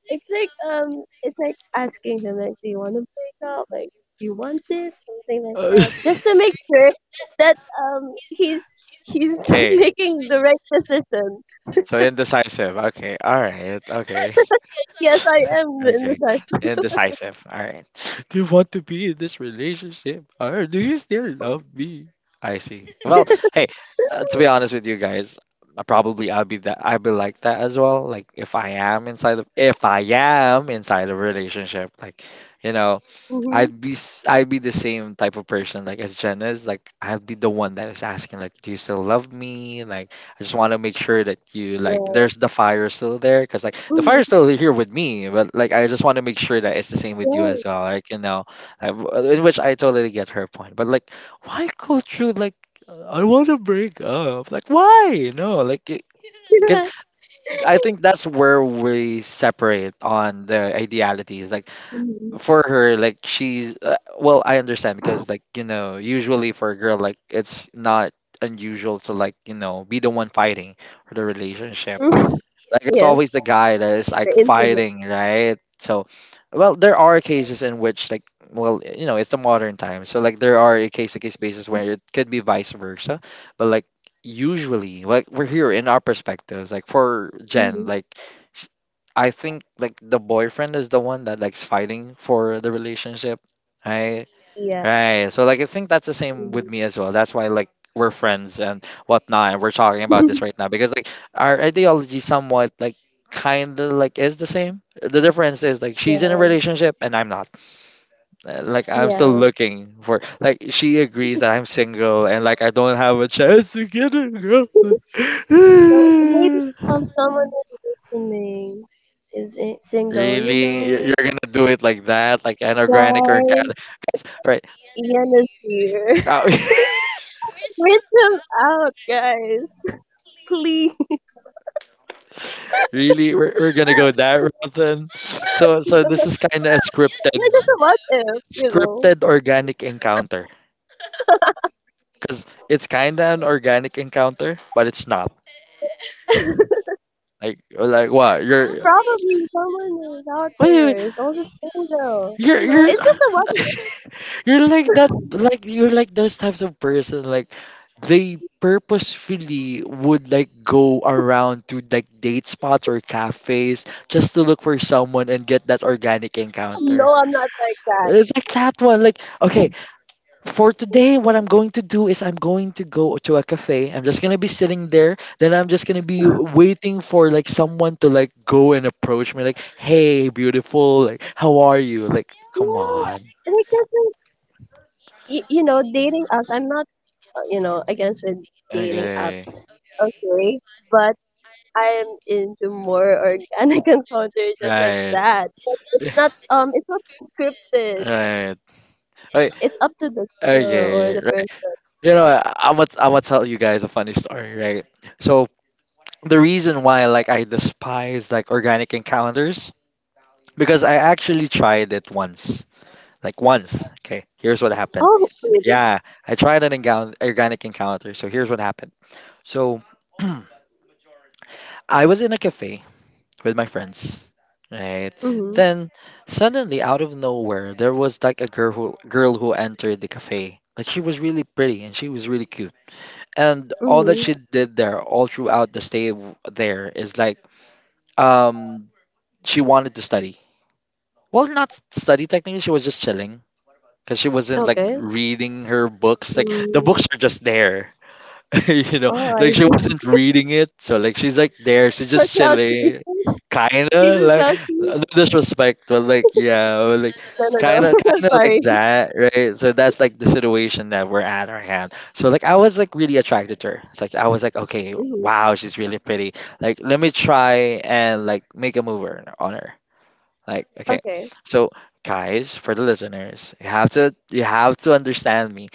it's like um, it's like asking him, like, do you want to break up? Like, do you want this? Something like that, just to make sure that um, he's he's
Okay.
making the right decision.
So indecisive. Okay. All right. Okay.
Yes, I am the- in the
Okay.
sense.
And decisive. All right. Do you want to be in this relationship? Or do you still love me? I see. Well, hey, uh, to be honest with you guys, uh, probably I'll be that, I'll be like that as well. Like if I am inside of if I am inside a relationship, like you know,
Mm-hmm.
I'd be s- I'd be the same type of person like as Jen is. Like I'd be the one that is asking, like, do you still love me? Like I just want to make sure that you, like
Right.
there's the fire still there because like the
Mm-hmm.
fire's still here with me, but like I just want to make sure that it's the same with you
Right.
as well. Like you know, I, in which I totally get her point. But like, why go through like I want to break up? Like why? No, like because I think that's where we separate on the idealities. Like for her, like she's uh, well I understand because like you know, usually for a girl, like it's not unusual to like you know be the one fighting for the relationship.
Yeah. Mhm.
Like it's
Yes,
always the guy that is
the
like
intimate.
fighting, right? So, well, there are cases in which like, well, you know, it's a modern time. So like there are a case to case basis where it could be vice versa, but like usually like we're here in our perspectives, like for Jen,
Hmm.
like sh- I think like the boyfriend is the one that likes fighting for the relationship, right.
Yeah.
Right. So like I think that's the same with
Mhm.
me as well. That's why like we're friends and whatnot and we're talking about this right now because like our ideology somewhat like kind of like is the same. The difference is like she's in a
Yeah.
relationship and I'm not. Uh, Like I'm still looking for, like she agrees that I'm single and like I don't have a chance to get a girl.
Yeah. So maybe um someone who's listening is i- single, you
Really, Y-
know,
you're gonna do it like that, like an organic or cat-
guys.
guys, right?
Ian is here.
Uh,
Reach him out, guys. Please.
really, we're, we're gonna go that route then. So, so
Yeah,
this is kind of a scripted
just a what if, you know.
scripted organic encounter, because it's kind of an organic encounter, but it's not. Like like what you're,
Probably someone who's out
wait, wait, wait,
there is also single.
you're
You know,
you're
it's just a what if.
you're like that, like you're like those types of person, like they purposefully would like go around to like date spots or cafes just to look for someone and get that organic encounter.
No, I'm not like that.
It's like that one. Like, okay, for today, what I'm going to do is I'm going to go to a cafe. I'm just gonna be sitting there. Then I'm just gonna be waiting for like someone to like go and approach me, like, "Hey, beautiful, like, how are you?" Like,
Yeah,
come on.
and it doesn't. You, you know, dating apps. I'm not, uh, you know, against with dating
Okay.
apps. Okay, but I'm into more organic encounter just like
Right.
that. It's not um it's not scripted.
Right. Okay.
It's up to the girl or
Okay.
the
Right.
person.
You know, I- I'm gonna I'm gonna tell you guys a funny story, right? So the reason why like I despise like organic encounters because I actually tried it once. Like once. Okay, here's what happened.
Oh, really?
Yeah, I tried an encounter, organic encounter. So here's what happened. So I was in a cafe with my friends, right?
Mm-hmm.
Then suddenly, out of nowhere, there was like a girl who girl who entered the cafe. Like she was really pretty and she was really cute. And all that she
Mm-hmm.
did there, all throughout the stay w- there, is like um she wanted to study. Well, not study technically. She was just chilling because she wasn't like
Okay.
reading her books. Like the
Mm.
books are just there, you know.
Oh, I
Like she
see.
wasn't reading it, so like she's like there. She's
For
just
cloud
chilling,
chasing.
kinda
Jesus
like,
cloud chasing?
no disrespect, but like yeah, but, like
No, no, no.
kinda kinda like
Sorry.
that, right? So that's like the situation that we're at our hand. So like I was like really attracted to her. It's like I was like okay,
Mm-hmm.
wow, she's really pretty. Like let me try and like make a move on her. Like, okay.
Okay.
So, guys, for the listeners, you have to you have to understand me.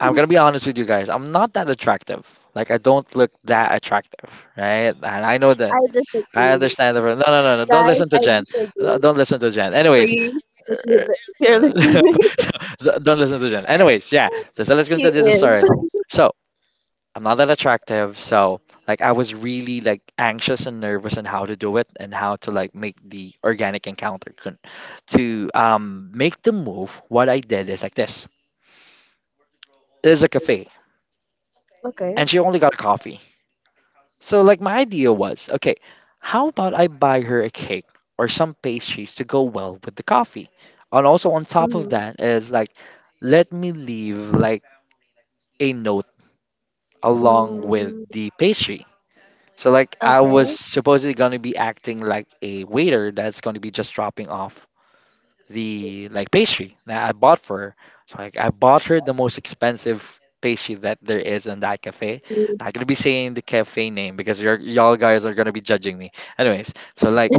I'm gonna be honest with you guys. I'm not that attractive. Like, I don't look that attractive, right? And I know that.
I
I
disagree.
understand the. No, no, no, no. Don't
Guys,
listen to
I
Jen. Uh,
disagree.
Don't listen to Jen. Anyways,
Please, if you
uh,
li- if you're listening,
don't listen to Jen. Anyways, yeah. So, so let's
he
continue the
is.
story. So. I'm not that attractive, so like I was really like anxious and nervous on how to do it and how to like make the organic encounter con- to um make the move. What I did is like this. It is a cafe,
Okay.
and she only got a coffee. So like my idea was, okay, how about I buy her a cake or some pastries to go well with the coffee? And also on top of
Mm-hmm.
that is like let me leave like a note along with
Mm,
the pastry. So like I was
okay.
supposedly gonna be acting like a waiter that's gonna be just dropping off the like pastry that I bought for her. So like I bought her the most expensive pastry that there is in that cafe.
Mhm.
Not gonna be saying the cafe name because you're, y'all guys are gonna be judging me. Anyways, so like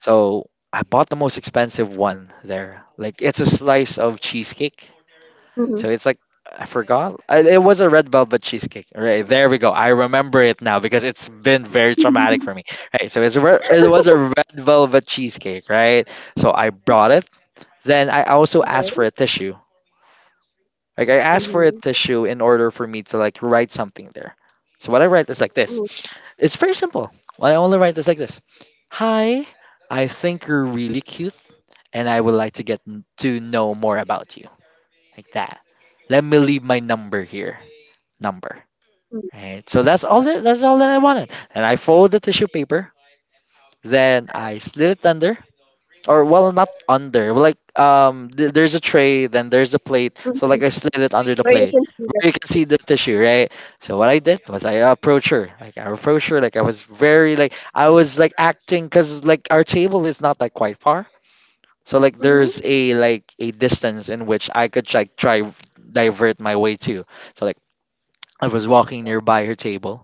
so I bought the most expensive one there. Like it's a slice of cheesecake.
Mhm.
So it's like I forgot. I, it was a red velvet cheesecake. Right, there we go. I remember it now because it's been very traumatic for me. Right. So it's a, re- it was a red velvet cheesecake. Right. So I brought it. Then I also asked for
Okay.
a tissue. Like I asked for a
Mhm.
tissue in order for me to like write something there. So what I write is like this.
Mhm.
It's very simple. What I only write is like this. Hi. I think you're really cute, and I would like to get n- to know more about you, like that. Let me leave my number here, number.
Mhm.
Right. So that's all that that's all that I wanted. And I folded the tissue paper. Then I slid it under, or well, not under. Well, like um, th- there's a tray, then there's a plate. So
Mhm.
like I slid it under the
Where you
plate,
can see that.
where you can see the tissue, right? So what I did was I approached her, like I approached her, like I was very like I was like acting, cause like our table is not like quite far. So like
Mhm.
there's a like a distance in which I could like try divert my way to. So like I was walking nearby her table.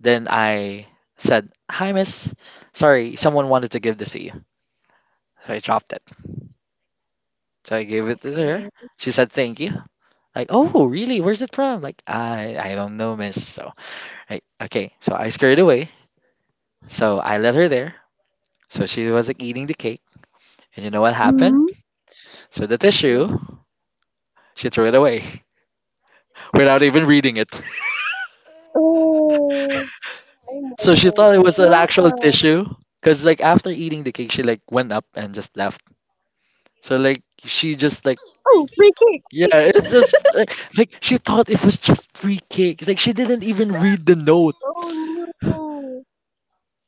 Then I said, "Hi, miss. Sorry, someone wanted to give this to you." So I dropped it. So I gave it to her.
Okay.
She said, "Thank you." Like, "Oh, really? Where's it from?" Like, "I I don't know, miss." So I okay. So I scurried away. So I let her there. So she was like eating the cake. And you know what happened?
Mhm.
So the
Oh,
tissue, she threw it away without even reading it.
oh. Oh my
So she thought it
gosh.
was an actual
Wow.
tissue. Cause like after eating the cake, she like went up and just left. So like she just like
Oh, free cake.
yeah,
Thank you.
it's just like, like she thought it was just free cake. It's like she didn't even read the note.
Oh no.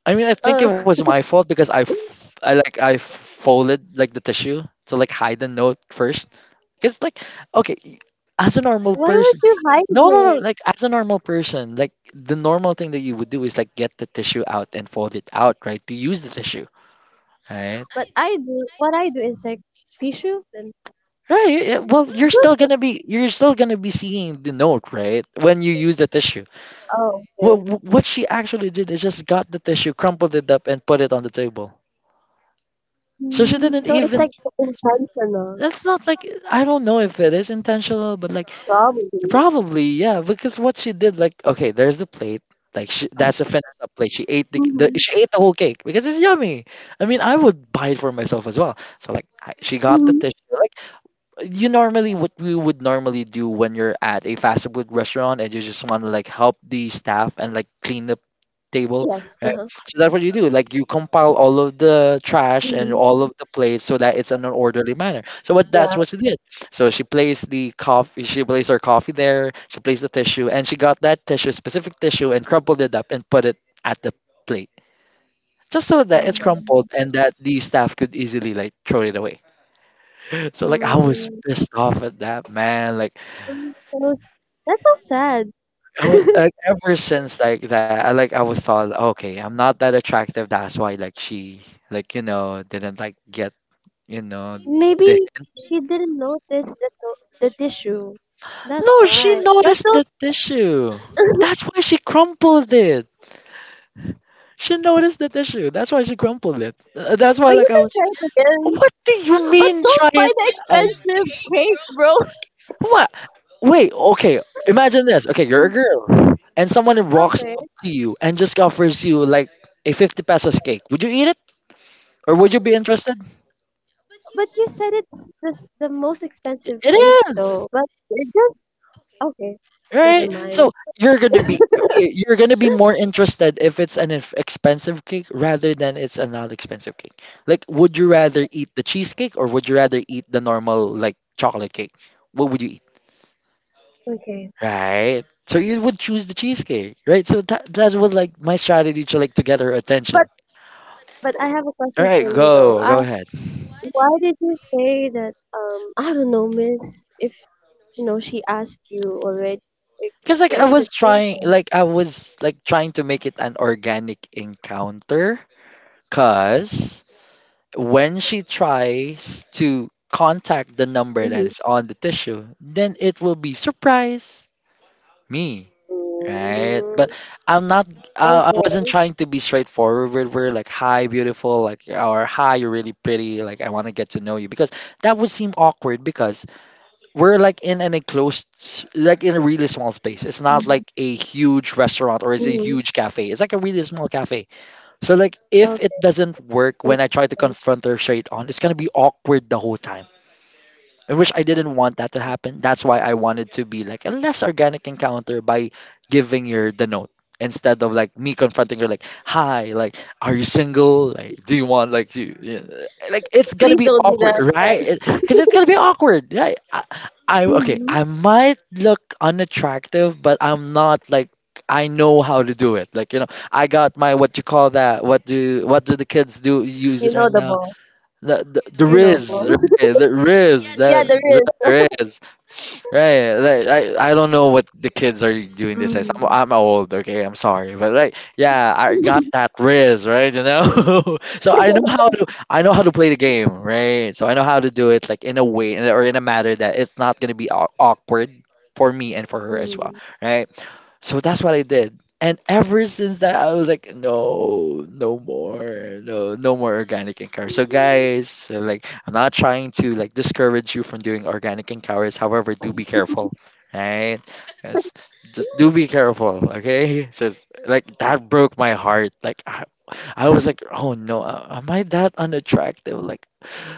I mean, I think it
Uh,
was my fault because I, f- I like I folded like the tissue to like hide the note first. Because like, okay, y- as a normal
why would
person,
you hide
no, no, no.
it?
Like as a normal person, like the normal thing that you would do is like get the tissue out and fold it out, right? To use the tissue, right?
But I do. What I do is like tissue then.
Right, yeah. Well, you're still gonna be you're still gonna be seeing the note, right? When you use the tissue.
Oh,
Well,
okay.
what she actually did is just got the tissue, crumpled it up, and put it on the table. So she
Mm.
didn't
So it's
even.
like intentional,
That's not like I don't know if it is intentional, but like
probably.
probably yeah, because what she did, like okay, there's the plate. Like she, that's a finished up plate. She ate the,
Mm-hmm.
the she ate the whole cake because it's yummy. I mean, I would buy it for myself as well. So like I, she got the
Mm-hmm.
tissue. Like you normally what we would normally do when you're at a fast food restaurant and you just want to like help the staff and like clean the table,
Yes.
right?
Uh-huh.
So that's what you do, like you compile all of the trash and
Mm-hmm.
all of the plates so that it's in an orderly manner, so what that's
Yeah.
what she did. So she placed the coffee, she placed her coffee there, she placed the tissue, and she got that tissue, specific tissue, and crumpled it up and put it at the plate, just so that it's crumpled and that the staff could easily like throw it away. So like I was
Mm,
pissed off at that, man. Like
mm, that's, that's so sad.
I was like ever since like that, I like I was thought, okay, I'm not that attractive. That's why like she like you know didn't like get you know the
Maybe
hint.
she didn't notice the to- the tissue. That's
No, she
why. But
noticed
don't.
the tissue. That's why she crumpled it. She noticed the tissue. That's why she crumpled it. Uh, That's why
But you
like I
can
was.
try it
Like,
again.
what do you
But
mean?
don't
Try
buy
it.
the
I
expensive cake, bro.
what? Wait, okay. Imagine this. Okay, you're a girl, and someone walks
Okay.
up to you and just offers you like a fifty pesos cake. Would you eat it? Or would you be interested?
But you said it's the s- the most expensive cake
It is,
though. But it just okay. Never
right?
mind.
So you're gonna be okay, you're gonna be more interested if it's an ex- expensive cake rather than it's a not expensive cake. Like, would you rather eat the cheesecake or would you rather eat the normal like chocolate cake? What would you
Okay.
right. So you would choose the cheesecake, right? So that that was like my strategy to like to get her
But
attention.
but I have a
All
question for
right,
you though.
go
Uh,
go ahead.
why did you say that, um I don't know, miss, if you know she asked you already, like,
Because like
where
I
is it
was
came
trying,
from?
like I was like trying to make it an organic encounter. Cause when she tries to contact the number that
Mm-hmm.
is on the tissue, then it will be surprise me, right? But
Mm.
I'm not. Uh, I wasn't
Okay.
trying to be straightforward. With we're like, "Hi, beautiful," like, or "Hi, you're really pretty." Like, I want to get to know you because that would seem awkward because we're like in an enclosed, s- like in a really small space. It's not
Mm-hmm.
like a huge restaurant or it's a
Mm-hmm.
huge cafe. It's like a really small cafe, so like if it
Okay.
doesn't work when
Makes
I try to
sense.
confront her straight on, it's gonna be awkward the whole time. I wish I didn't want that to happen. That's why I wanted to be like a less organic encounter by giving her the note instead of like me confronting her like, "Hi, like, are you single? Like, do you want like do you, yeah, like it's gonna
Please
be
don't do
awkward,
that,
right?
guys.
Because it's gonna be awkward, right? I, I okay,
Mhm.
I might look unattractive, but I'm not like I know how to do it. Like, you know I got my what you call that? What do what do the kids do use
You
it
know
right
the
now?
ball.
The the, the
You know
Riz,
ball.
right? The Riz,
Yeah,
that
there is.
right, Riz, right? Like, I I don't know what the kids are doing these days. I'm
Mhm.
I'm old, okay. I'm sorry, but like yeah, I got that Riz, right? You know, so I know how to I know how to play the game, right? So I know how to do it like in a way or in a matter that it's not gonna be aw- awkward for me and for her as well,
Mm.
right? So that's what I did. And ever since that, I was like, no, no more, no, no more organic and cowries. So guys, so like, I'm not trying to like discourage you from doing organic and cowries. However, do be careful, right? Yes, just do be careful, okay? Just like that broke my heart. Like I, I was like, oh no, a- am I that unattractive? Like,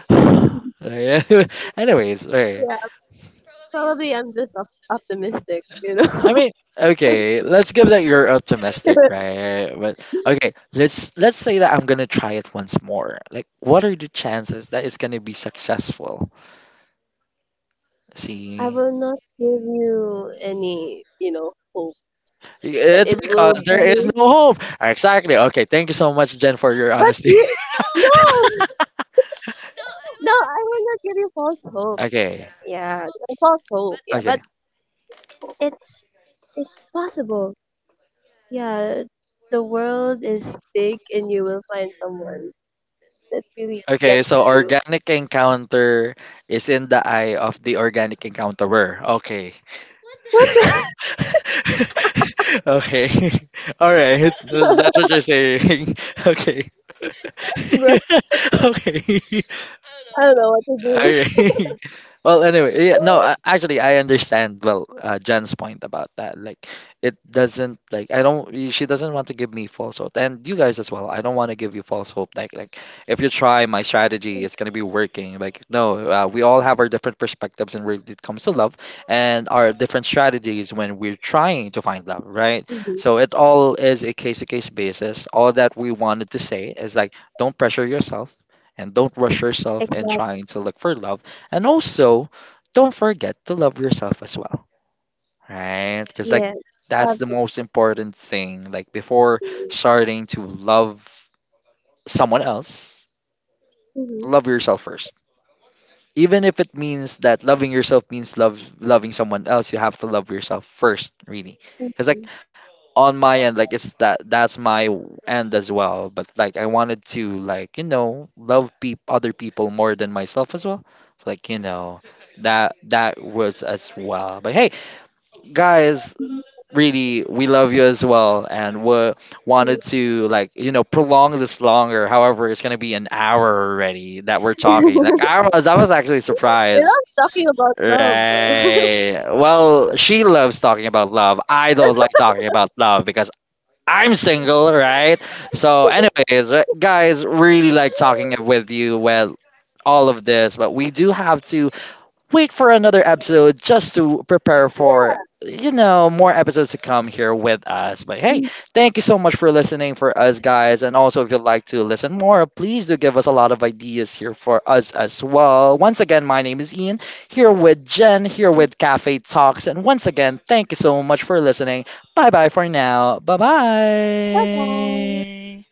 yeah. Anyways, okay.
Yeah, probably I'm just op- optimistic, you
I
know.
mean, okay, let's give that you're optimistic, right? But okay, let's let's say that I'm gonna try it once more. Like, what are the chances that it's gonna be successful?
I
See,
will not give you any, you know, hope that
it's
it
because
will
there is
be.
no hope. Exactly. Okay, thank you so much, Jen, for your
But
honesty.
you, no, no, I will not give you false hope.
Okay.
Yeah, false hope. Yeah, but
Okay.
it's it's possible. Yeah, the world is big and you will find someone that really
Okay,
gets
so
you.
organic encounter is in the eye of the organic encounterer. Okay.
What the
Okay. All right. That's that's what you're saying. Okay.
bro?
Okay.
I don't know what to do.
Okay. Well, anyway, yeah, no, uh, actually, I understand. Well, uh, Jen's point about that, like, it doesn't like I don't. y- She doesn't want to give me false hope, and you guys as well. I don't want to give you false hope. Like, like if you try my strategy, it's gonna be working. Like, no, uh, we all have our different perspectives, and when it comes to love, and our different strategies when we're trying to find love, right?
Mhm.
So it all is a case to case basis. All that we wanted to say is like, don't pressure yourself and don't rush yourself in
Exactly.
trying to look for love. And also, don't forget to love yourself as well, right? Because like
Yeah.
that's the
Absolutely.
most important thing. Like before starting to love someone else,
Mm-hmm.
love yourself first. Even if it means that loving yourself means love loving someone else, you have to love yourself first, really. Because like
Mm-hmm.
on my end like it's that that's my w- end as well, but like I wanted to like you know love peop other people more than myself as well, so, like you know that that was as well, but hey guys, really, we love you as well, and we wanted
Mm-hmm.
to like you know prolong this longer, however it's gonna be an hour already that we're talking. Like i was I was actually
We're
surprised.
not talking about love, bro.
Right. Well, she loves talking about love. I don't like talking about love because I'm single, right? So, anyways, right, guys, really like talking with you with all of this, but we do have to wait for another episode just to prepare for
Yeah.
you know more episodes to come here with us. But hey, thank you so much for listening for us, guys. And also, if you'd like to listen more, please do give us a lot of ideas here for us as well. Once again, my name is Ian, here with Jen, here with Cafe Talks, and once again, thank you so much for listening. Bye bye for now, bye
Bye bye.
bye.